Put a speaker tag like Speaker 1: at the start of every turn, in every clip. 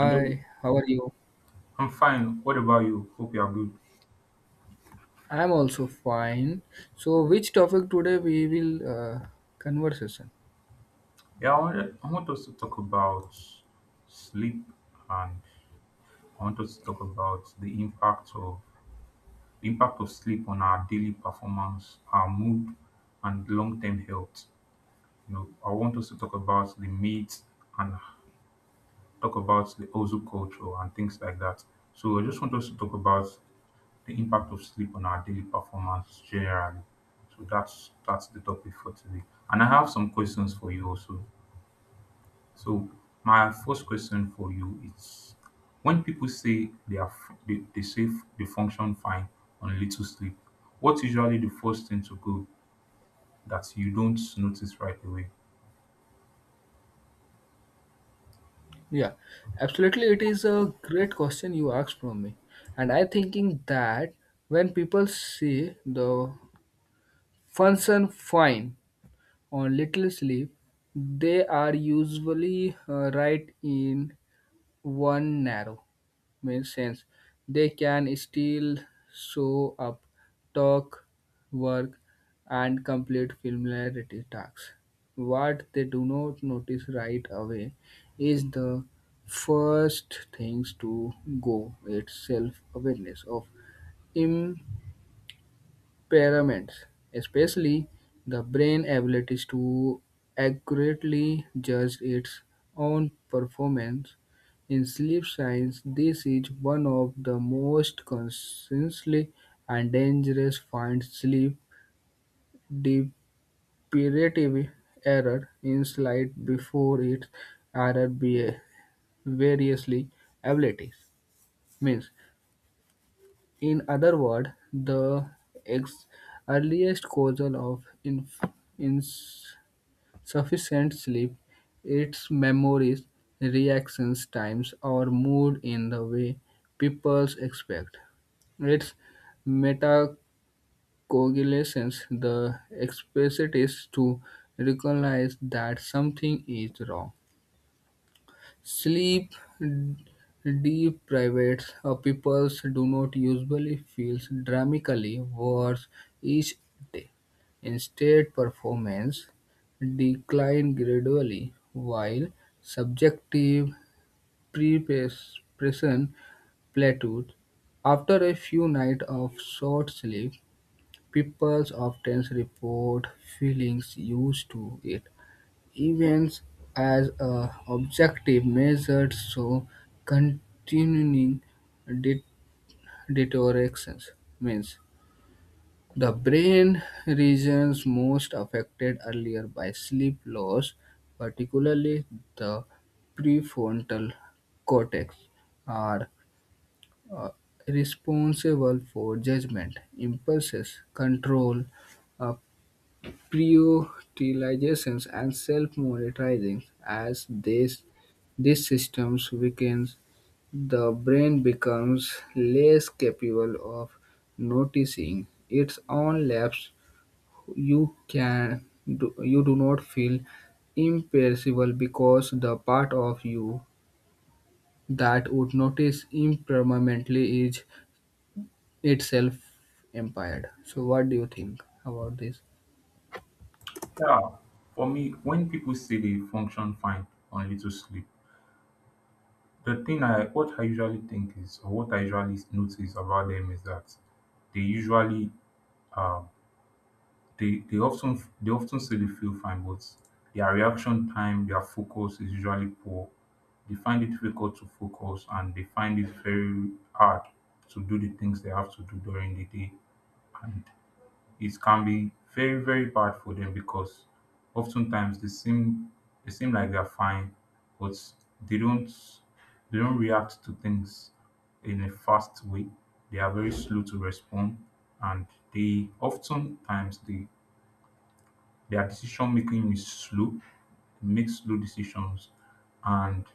Speaker 1: Hello,
Speaker 2: how are you?
Speaker 1: I'm fine. What about you? Hope you are good.
Speaker 2: I'm also fine. So, which topic today we will conversation?
Speaker 1: Yeah, I want us to talk about sleep, and I want us to talk about the impact of sleep on our daily performance, our mood, and long-term health. You know, I want us to talk about the myths and talk about the Ozu culture and things like that. So I just want us to talk about the impact of sleep on our daily performance generally. So that's the topic for today. And I have some questions for you also. So my first question for you is, when people say they are f- they say f- they function fine on little sleep, what's usually the first thing to go that you don't notice right away?
Speaker 2: Yeah, absolutely. It is a great question you asked from me, and I thinking that when people see the function fine on little sleep, they are usually right in one narrow. Makes sense. They can still show up, talk, work, and complete familiarity tasks. What they do not notice right away is the first things to go. It's self awareness of pyramids, especially the brain abilities to accurately judge its own performance. In sleep science, this is one of the most consistently and dangerous finds sleep deprivative error in slight before its error be variously abilities means. In other words, the ex- earliest causal of insufficient sleep is memories, reactions times, or mood in the way people expect. Its metacoagulation, the capacity to recognize that something is wrong. Sleep deprived people do not usually feel dramatically worse each day. Instead, performance decline gradually while subjective preparation plateaus. After a few nights of short sleep, people often report feelings used to it. Events as a objective measure show continuing de- deterioration, means the brain regions most affected earlier by sleep loss, particularly the prefrontal cortex, are uh, responsible for judgment, impulses, control, uh, prioritizations and self-monitoring. As this these systems weakens, the brain becomes less capable of noticing its own lapse. You you do not feel imperishable because the part of you that would notice impermanently is itself impaired. So, what do you think about this?
Speaker 1: Yeah, for me, when people say they function fine on little sleep, the thing I what I usually think is, or what I usually notice about them, is that they usually uh, they often say they feel fine, but their reaction time, their focus is usually poor. They find it difficult to focus and they find it very hard to do the things they have to do during the day. And it can be very, very bad for them because oftentimes they seem like they're fine, but they don't they don't react to things in a fast way. They are very slow to respond, and they oftentimes they their decision making is slow, they make slow decisions. And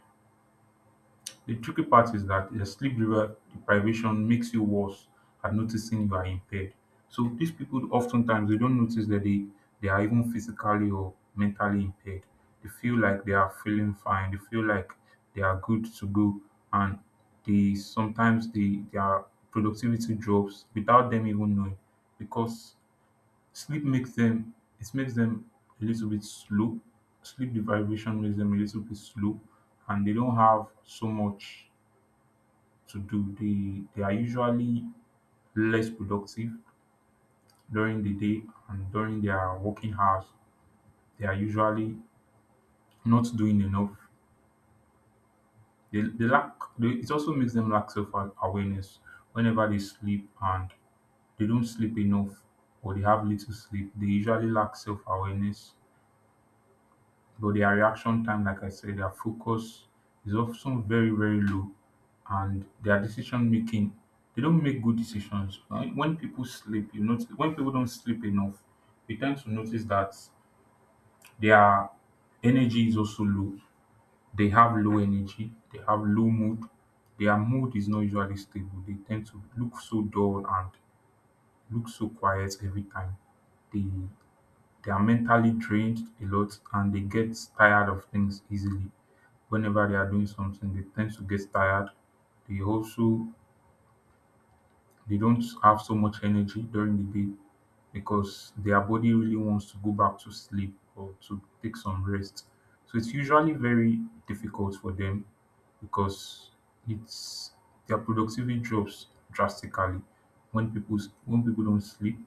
Speaker 1: the tricky part is that the deprivation makes you worse at noticing you are impaired. So these people oftentimes they don't notice that they are even physically or mentally impaired. They feel like they are feeling fine. They feel like they are good to go, and they sometimes they their productivity drops without them even knowing, because sleep makes them, it makes them a little bit slow. Sleep deprivation makes them a little bit slow, and they don't have so much to do. They are usually less productive during the day and during their working hours. They are usually not doing enough. It also makes them lack self awareness. Whenever they sleep and they don't sleep enough, or they have little sleep, they usually lack self awareness. But their reaction time, like I said, their focus is often very, very low, and their decision making, they don't make good decisions. When people sleep, you notice, when people don't sleep enough, we tend to notice that their energy is also low. They have low energy, they have low mood, their mood is not usually stable. They tend to look so dull and look so quiet every time. They they are mentally drained a lot, and they get tired of things easily. Whenever they are doing something, they tend to get tired. They also they don't have so much energy during the day, because their body really wants to go back to sleep or to take some rest. So it's usually very difficult for them, because it's their productivity drops drastically when when people don't sleep,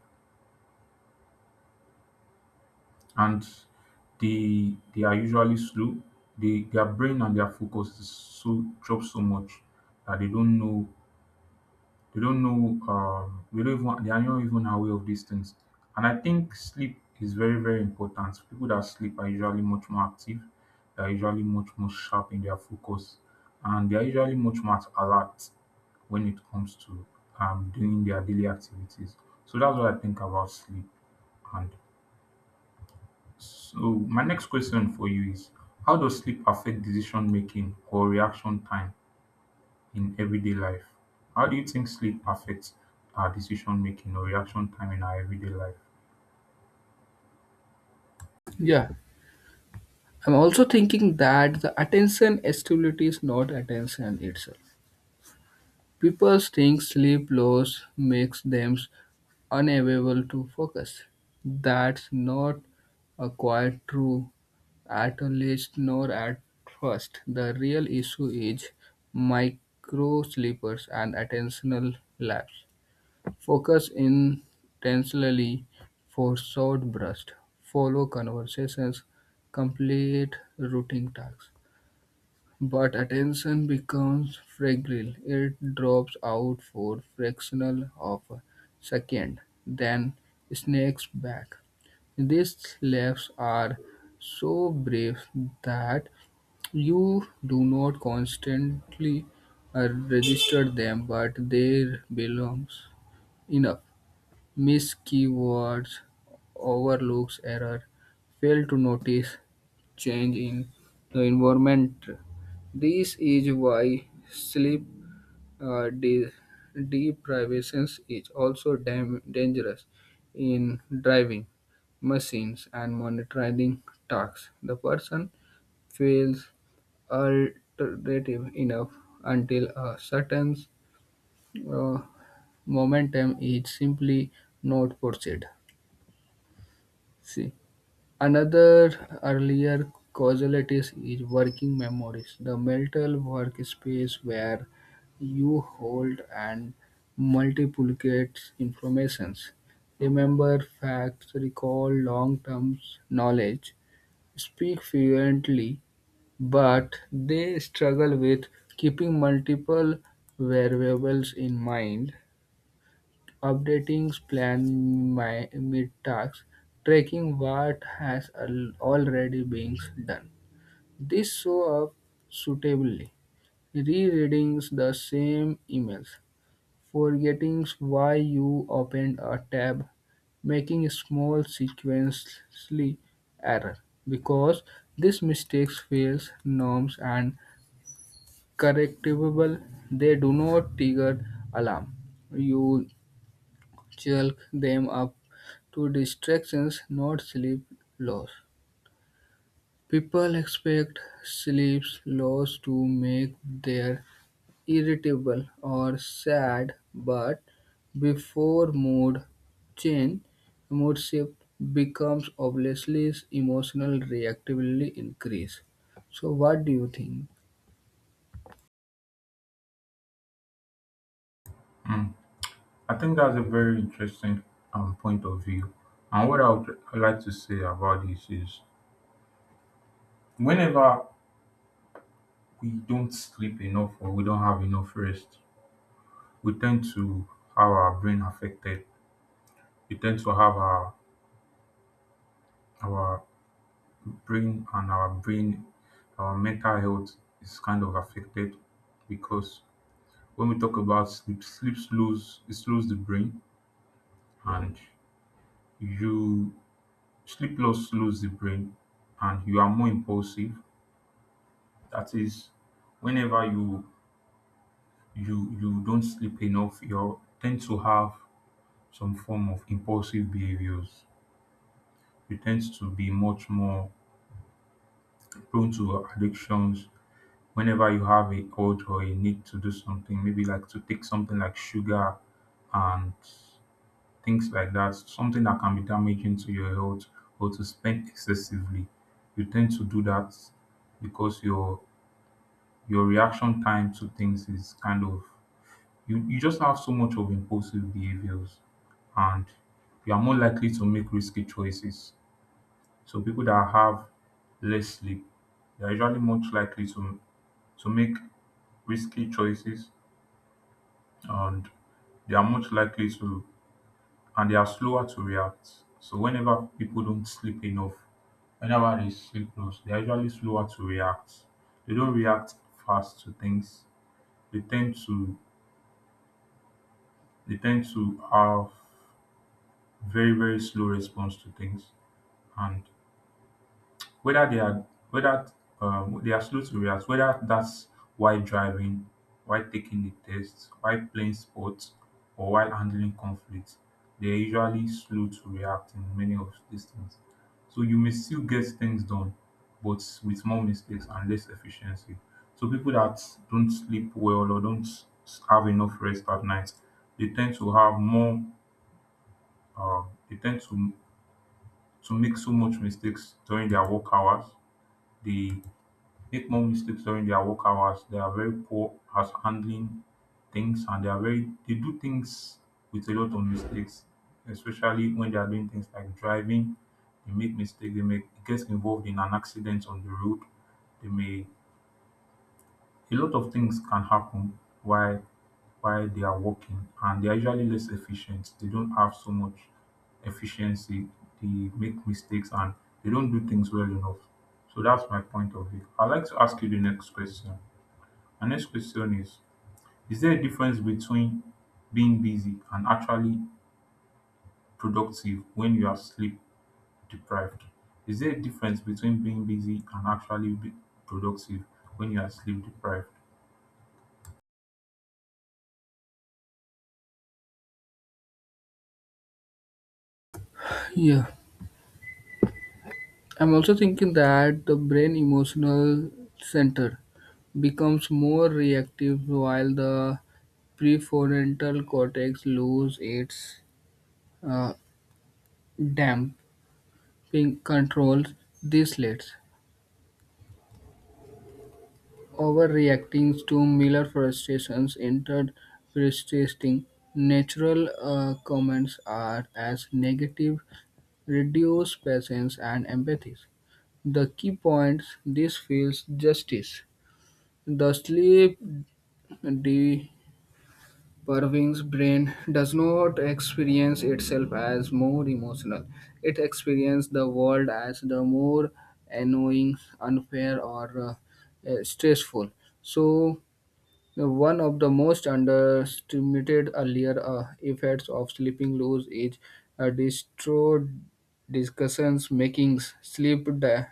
Speaker 1: and they are usually slow. Their brain and their focus is so drops so much that they don't know, they don't even, they are not even aware of these things. And I think sleep is very, very important. People that sleep are usually much more active, they are usually much more sharp in their focus, and they are usually much more alert when it comes to doing their daily activities. So that's what I think about sleep. And so, my next question for you is, how does sleep affect decision making or reaction time in everyday life? How do you think sleep affects our decision making or reaction time in our everyday life?
Speaker 2: Yeah, I'm also thinking that the attention stability is not attention itself. People think sleep loss makes them unable to focus. That's not quite true, at least nor at first. The real issue is micro sleepers and attentional laps. Focus intensely for short bursts, follow conversations, complete routine tasks. But attention becomes fragile; it drops out for fractional of a second, then snakes back. These laps are so brief that you do not constantly uh, register them, but they belongs enough. Miss keywords, overlooks error, fail to notice change in the environment. This is why sleep uh, de- deprivation is also dangerous in driving machines and monitoring tasks. The person feels alternative enough until a certain uh, momentum is simply not pursued. See, another earlier causality is working memories, the mental workspace where you hold and multiplicate informations. Remember facts, recall long-term knowledge, speak fluently, but they struggle with keeping multiple variables in mind, updating plan my mid-tasks, tracking what has already been done. This show up suitably. Rereading the same emails, forgetting why you opened a tab, making small sequentially error because these mistakes fails norms and correctable, they do not trigger alarm. You chalk them up to distractions, not sleep loss. People expect sleep loss to make them irritable or sad, but before mood change, mood shift becomes obviously emotional reactively increase. So what do you think?
Speaker 1: I think that's a very interesting point of view. And what I would like to say about this is, whenever we don't sleep enough or we don't have enough rest, we tend to have our brain affected. We tend to have our brain, and our mental health is kind of affected, because when we talk about sleep, sleep slows the brain, and you sleep loss lose the brain, and you are more impulsive. That is, whenever you don't sleep enough, you tend to have some form of impulsive behaviors. You tend to be much more prone to addictions. Whenever you have a urge or a need to do something, maybe like to take something like sugar and things like that, something that can be damaging to your health, or to spend excessively, you tend to do that, because your reaction time to things is kind of, you just have so much of impulsive behaviors, and you are more likely to make risky choices. So people that have less sleep, they are usually much likely to make risky choices, and they are much likely to they are slower to react. So whenever people don't sleep enough, whenever they see flows, they're usually slower to react. They don't react fast to things. They tend to they tend to have very, very slow response to things. And whether they are whether they are slow to react, whether that's while driving, while taking the test, while playing sports, or while handling conflict, they're usually slow to react in many of these things. So you may still get things done, but with more mistakes and less efficiency. So people that don't sleep well or don't s- have enough rest at night, they tend to have more. Uh, they tend to make so much mistakes during their work hours. They make more mistakes during their work hours. They are very poor at handling things, and they are very they do things with a lot of mistakes, especially when they are doing things like driving. They make mistakes, they make gets involved in an accident on the road. They may A lot of things can happen while they are working, and they are usually less efficient. They don't have so much efficiency. They make mistakes, and they don't do things well enough. So that's my point of view. I'd like to ask you the next question. My next question is there a difference between being busy and actually productive when you are sleep deprived? Is there a difference between being busy and actually be productive when you are sleep deprived?
Speaker 2: Yeah. I'm also thinking that the brain emotional center becomes more reactive while the prefrontal cortex loses its uh, damping controls. This leads overreacting to Miller frustrations entered persisting. Natural comments are as negative, reduce patience and empathy. The key points this feels justice. The sleep depriving's brain does not experience itself as more emotional. It experiences the world as the more annoying, unfair, or stressful. So one of the most underestimated earlier effects of sleeping loose is distraught discussions making sleep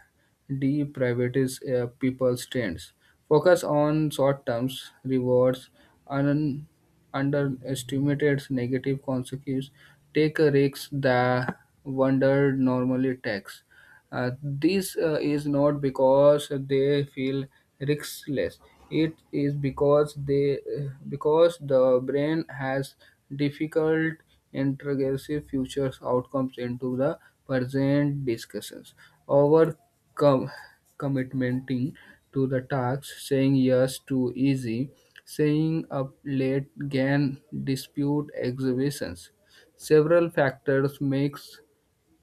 Speaker 2: deprivatives people's trends. Focus on short term rewards and underestimated negative consequences. Take risks that wonder normally takes. This is not because they feel riskless. It is because they because the brain has difficult integrative future outcomes into the present discussions. Our com- commitmenting to the task, saying yes to easy, saying up late can dispute exhibitions. Several factors makes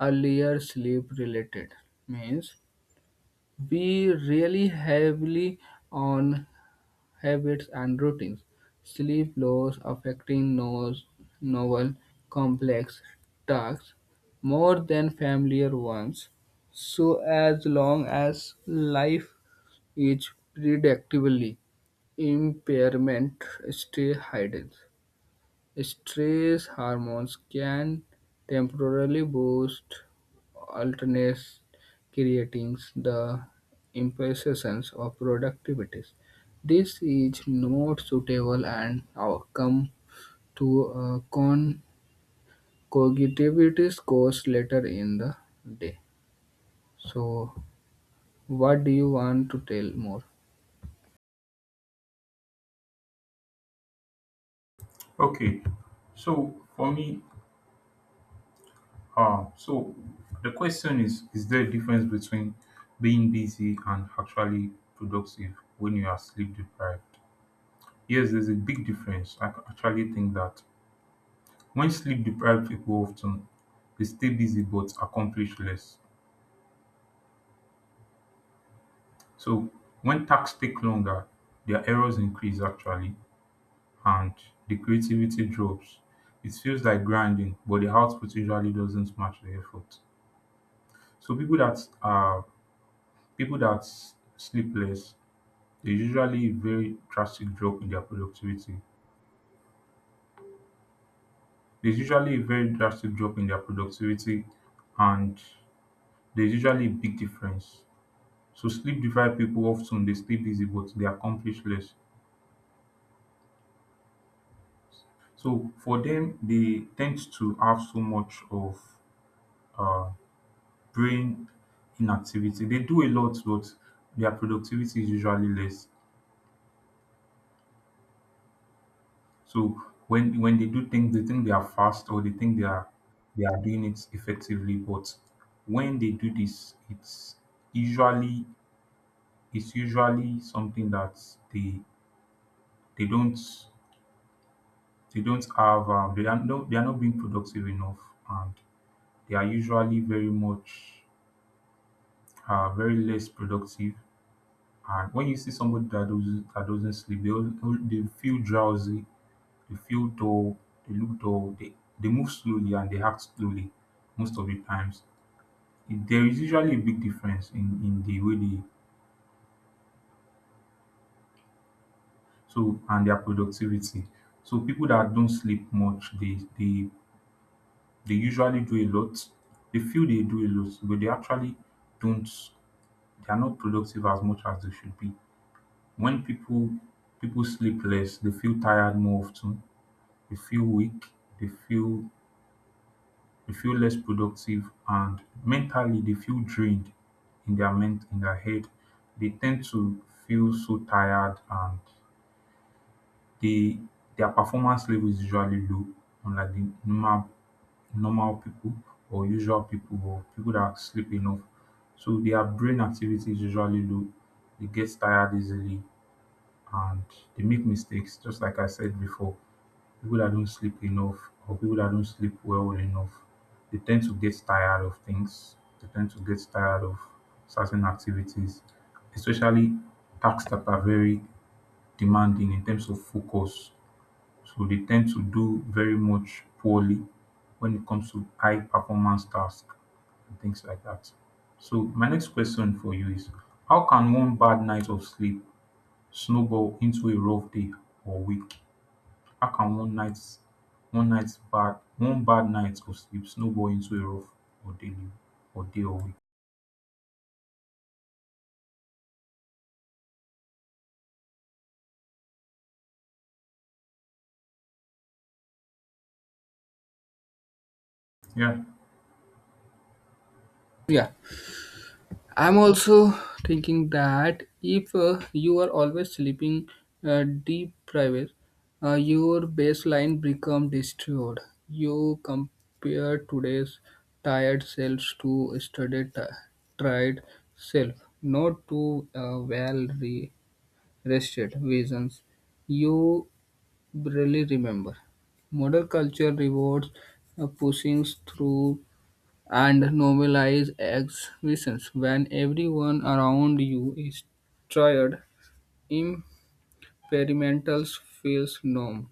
Speaker 2: earlier sleep related means we rely heavily on habits and routines, sleep loss affecting novel complex tasks more than familiar ones, so as long as life is predictably impairment stay hidden. Stress hormones can temporarily boost alertness, creating the impression of productivity. This is not suitable and outcome to cognitivity scores later in the day. So, what do you want to tell more?
Speaker 1: Okay, so for me, so the question is there a difference between being busy and actually productive when you are sleep deprived? Yes, there's a big difference. Actually think that when sleep-deprived, people often they stay busy but accomplish less. So when tasks take longer, their errors increase actually, and the creativity drops. It feels like grinding, but the output usually doesn't match the effort. So people that sleep less, there's usually a very drastic drop in their productivity. There's usually a very drastic drop in their productivity, and there's usually a big difference. So sleep-deprived people often they stay busy but they accomplish less. So for them, they tend to have so much of uh, brain inactivity. They do a lot, but their productivity is usually less. So when they do things, they think they are fast or they think they are doing it effectively. But when they do this, usually it's usually something that they they don't they don't have, they are not being productive enough, and they are usually very much, very less productive. And when you see somebody that doesn't sleep, they feel drowsy, they feel dull, they look dull, they move slowly and they act slowly most of the times. There is usually a big difference in the way they so and their productivity. So people that don't sleep much, they usually do a lot. They feel they do a lot, but they actually don't, they are not productive as much as they should be. When people sleep less, they feel tired more often, they feel weak, they feel they feel less productive, and mentally they feel drained in their head. They tend to feel so tired, and they their performance level is usually low, unlike the normal people or usual people or people that sleep enough. So their brain activity is usually low. They get tired easily, and they make mistakes, just like I said before. People that don't sleep enough or people that don't sleep well enough, they tend to get tired of things. They tend to get tired of certain activities, especially tasks that are very demanding in terms of focus. So they tend to do very much poorly when it comes to high performance tasks and things like that. So my next question for you is how can one bad night of sleep snowball into a rough day or week? How can one bad night of sleep snowball into a rough or daily or day or week? Yeah.
Speaker 2: Yeah. I'm also thinking that if you are always sleeping deep private, your baseline become destroyed. You compare today's tired selves to yesterday tired self, not to well rested visions. You barely remember. Modern culture rewards pushing through and normalize exhibitions when everyone around you is tired. Experimentals feels norm.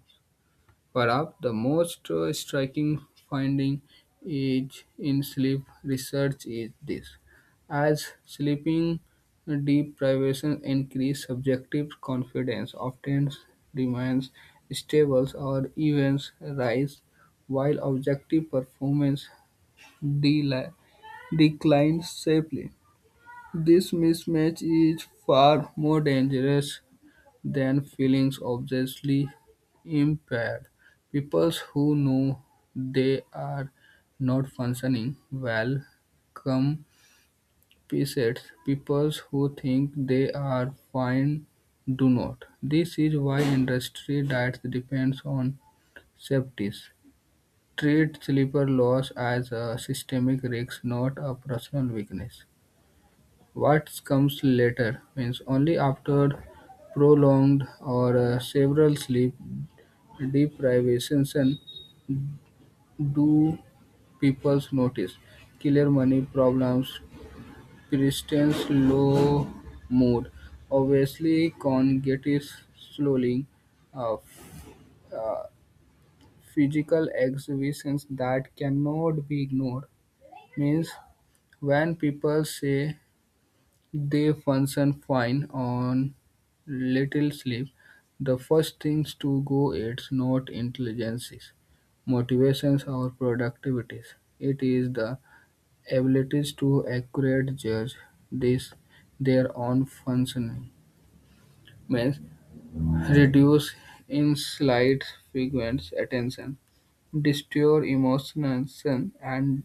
Speaker 2: Perhaps the most striking finding is in sleep research is this: as sleeping deprivation increases, subjective confidence, often remains stable or even rise, while objective performance deli- declined sharply. This mismatch is far more dangerous than feeling obviously impaired. People who know they are not functioning well compensate. People who think they are fine do not. This is why industry diets depends on safeties. Treat sleeper loss as a systemic risk, not a personal weakness. What comes later means only after prolonged or several sleep deprivation do people notice clear money problems, persistent low mood, obviously cognitive slowing, uh, f- uh, physical exhibitions that cannot be ignored. Means when people say they function fine on little sleep, the first things to go its not intelligences, motivations or productivities. It is the abilities to accurate judge this their own functioning. Means reduce in slight, frequent attention, destroy emotions and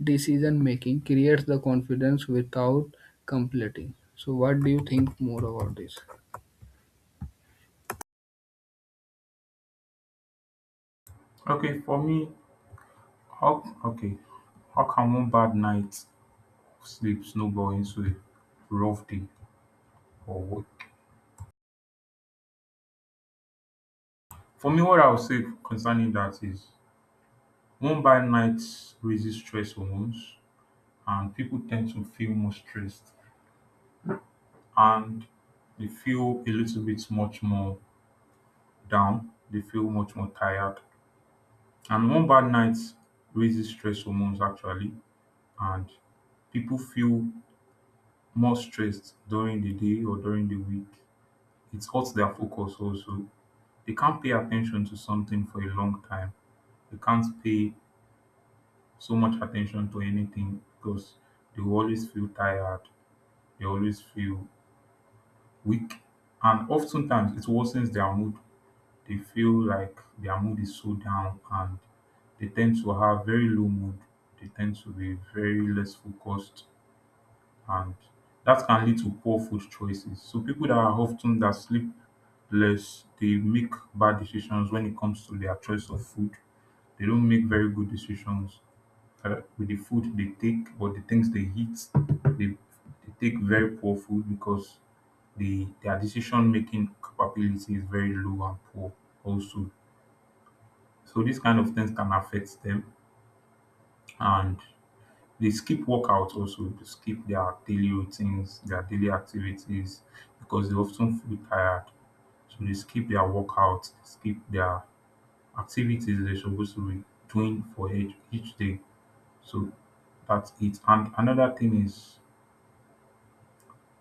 Speaker 2: decision-making creates the confidence without completing. So what do you think more about this?
Speaker 1: Okay, for me, okay, how can one bad night of sleep snowball into a rough day or week? For me, what I would say concerning that is one bad night raises stress hormones and people tend to feel more stressed and they feel a little bit much more down. They feel much more tired. And one bad night raises stress hormones actually and people feel more stressed during the day or during the week. It hurts their focus also. They can't pay attention to something for a long time. They can't pay so much attention to anything because they will always feel tired, they always feel weak, and oftentimes it worsens their mood. They feel like their mood is so down and they tend to have very low mood, they tend to be very less focused, and that can lead to poor food choices. So people that are often that sleep less, they make bad decisions when it comes to their choice of food. They don't make very good decisions with the food they take or the things they eat they, they take very poor food because their decision making capability is very low and poor also, so these kind of things can affect them, and they skip workouts also, they skip their daily routines, their daily activities because they often feel tired, so they skip their workouts, skip their activities they're supposed to be doing for each day. So that's it, and another thing is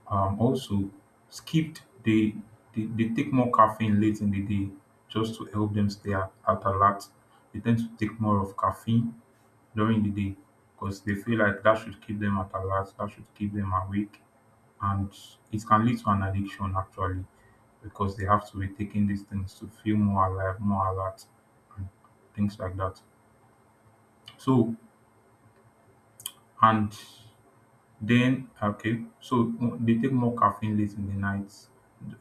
Speaker 1: Also, skipped they take more caffeine late in the day just to help them stay at alert. They tend to take more of caffeine during the day because they feel like that should keep them at alert, that should keep them awake, and it can lead to an addiction actually because they have to be taking these things to feel more alive, more alert, and things like that. So, and so, they take more caffeine late in the night,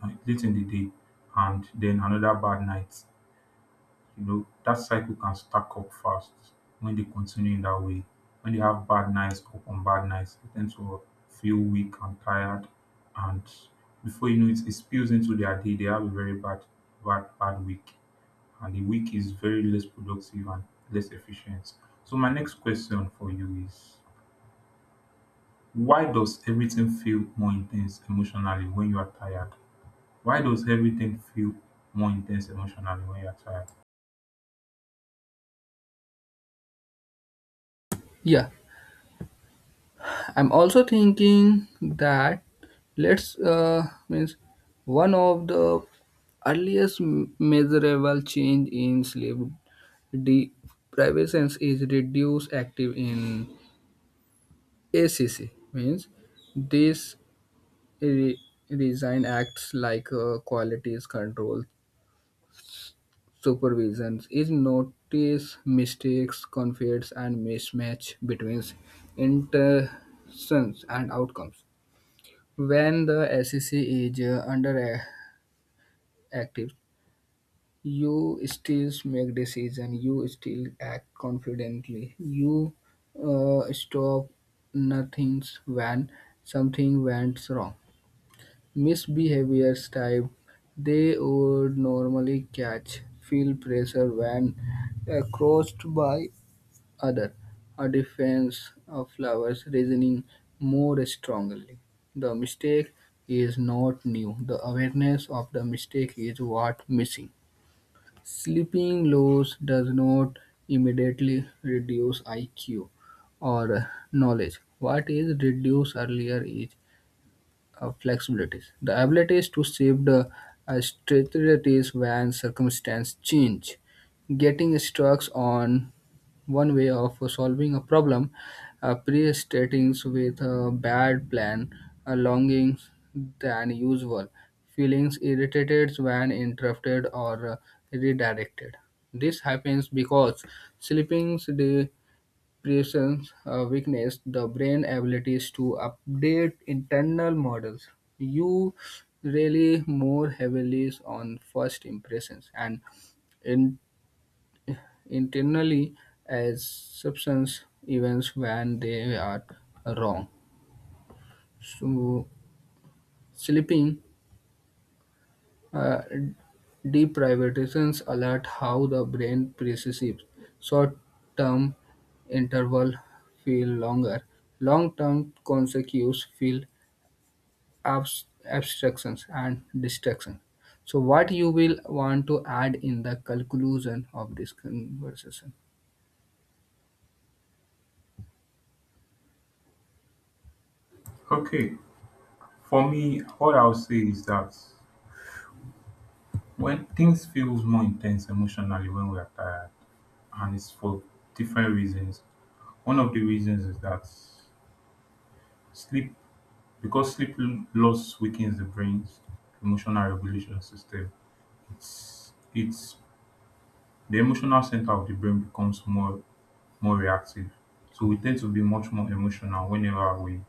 Speaker 1: late in the day, and then another bad night. You know that cycle can stack up fast when they continue in that way. When they have bad nights upon bad nights, they tend to feel weak and tired, and before you know it, it spills into their day. They have a very bad week, and the week is very less productive and less efficient. So my next question for you is, why does everything feel more intense emotionally when you are tired? Why does everything feel more intense emotionally when you are tired?
Speaker 2: Yeah, I'm also thinking that let's means one of the earliest measurable change in sleep deprivation is reduced active in ACC, means this re- resign acts like qualities control. Supervisions is notice mistakes, conflicts, and mismatch between intentions and outcomes. When the SEC is under active, you still make decision. You still act confidently, you stop nothing when something went wrong. Misbehaviors type they would normally catch feel pressure when crossed by other, a defense of flowers reasoning more strongly. The mistake is not new, the awareness of the mistake is what missing. Sleeping loss does not immediately reduce IQ or knowledge. What is reduced earlier is flexibilities. The abilities to shift the strategies when circumstances change. Getting stuck on one way of solving a problem, pre-stating with a bad plan, a longing than usual, feelings irritated when interrupted or redirected. This happens because sleeping presence weakness the brain abilities to update internal models. You really more heavily on first impressions and in, internally as substance events when they are wrong. So sleeping Uh, deprivations alert how the brain perceives short-term interval feel longer, long-term consequences feel abstractions and distractions. So, what you will want to add in the conclusion of this conversation?
Speaker 1: Okay, for me, what I'll say is that when things feels more intense emotionally when we are tired, and it's for different reasons. One of the reasons is that sleep, because loss weakens the brain's emotional regulation system. It's the emotional center of the brain becomes more reactive. So we tend to be much more emotional whenever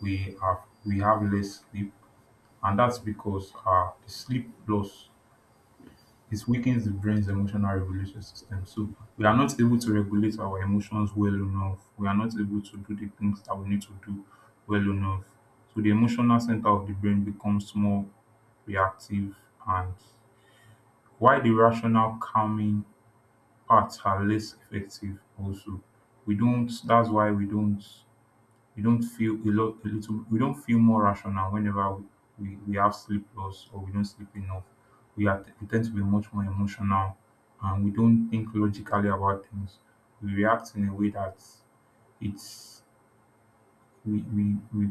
Speaker 1: we have we have less sleep, and that's because the sleep loss, it weakens the brain's emotional regulation system. So we are not able to regulate our emotions well enough. We are not able to do the things that we need to do well enough. So the emotional center of the brain becomes more reactive, and why the rational calming parts are less effective also. We don't that's why we don't We don't feel a lot a little we don't feel more rational whenever we have sleep loss or we don't sleep enough. We tend to be much more emotional and we don't think logically about things. We react in a way that it's we we, we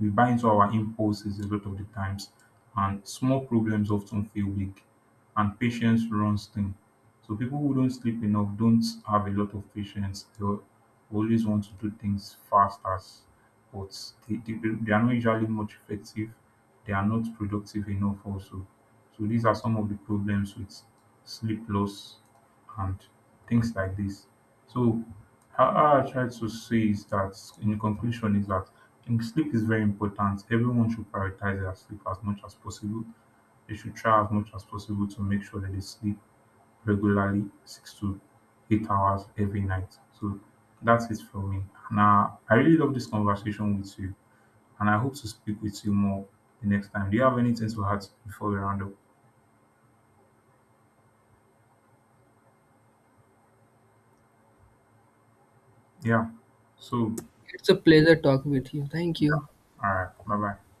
Speaker 1: we buy into our impulses a lot of the times, and small problems often feel big, and patience runs thin. So people who don't sleep enough don't have a lot of patience. Always want to do things fast as, but they, they, they are not usually much effective. They are not productive enough also. So these are some of the problems with sleep loss and things like this. So how I try to say is that, in conclusion, is that and sleep is very important. Everyone should prioritize their sleep as much as possible. They should try as much as possible to make sure that they sleep regularly, 6 to 8 hours every night. So that's it for me. Now, I really love this conversation with you, and I hope to speak with you more the next time. Do you have anything to add before we round up? Yeah. So,
Speaker 2: It's a pleasure talking with you. Thank
Speaker 1: yeah.
Speaker 2: you.
Speaker 1: All right. Bye bye.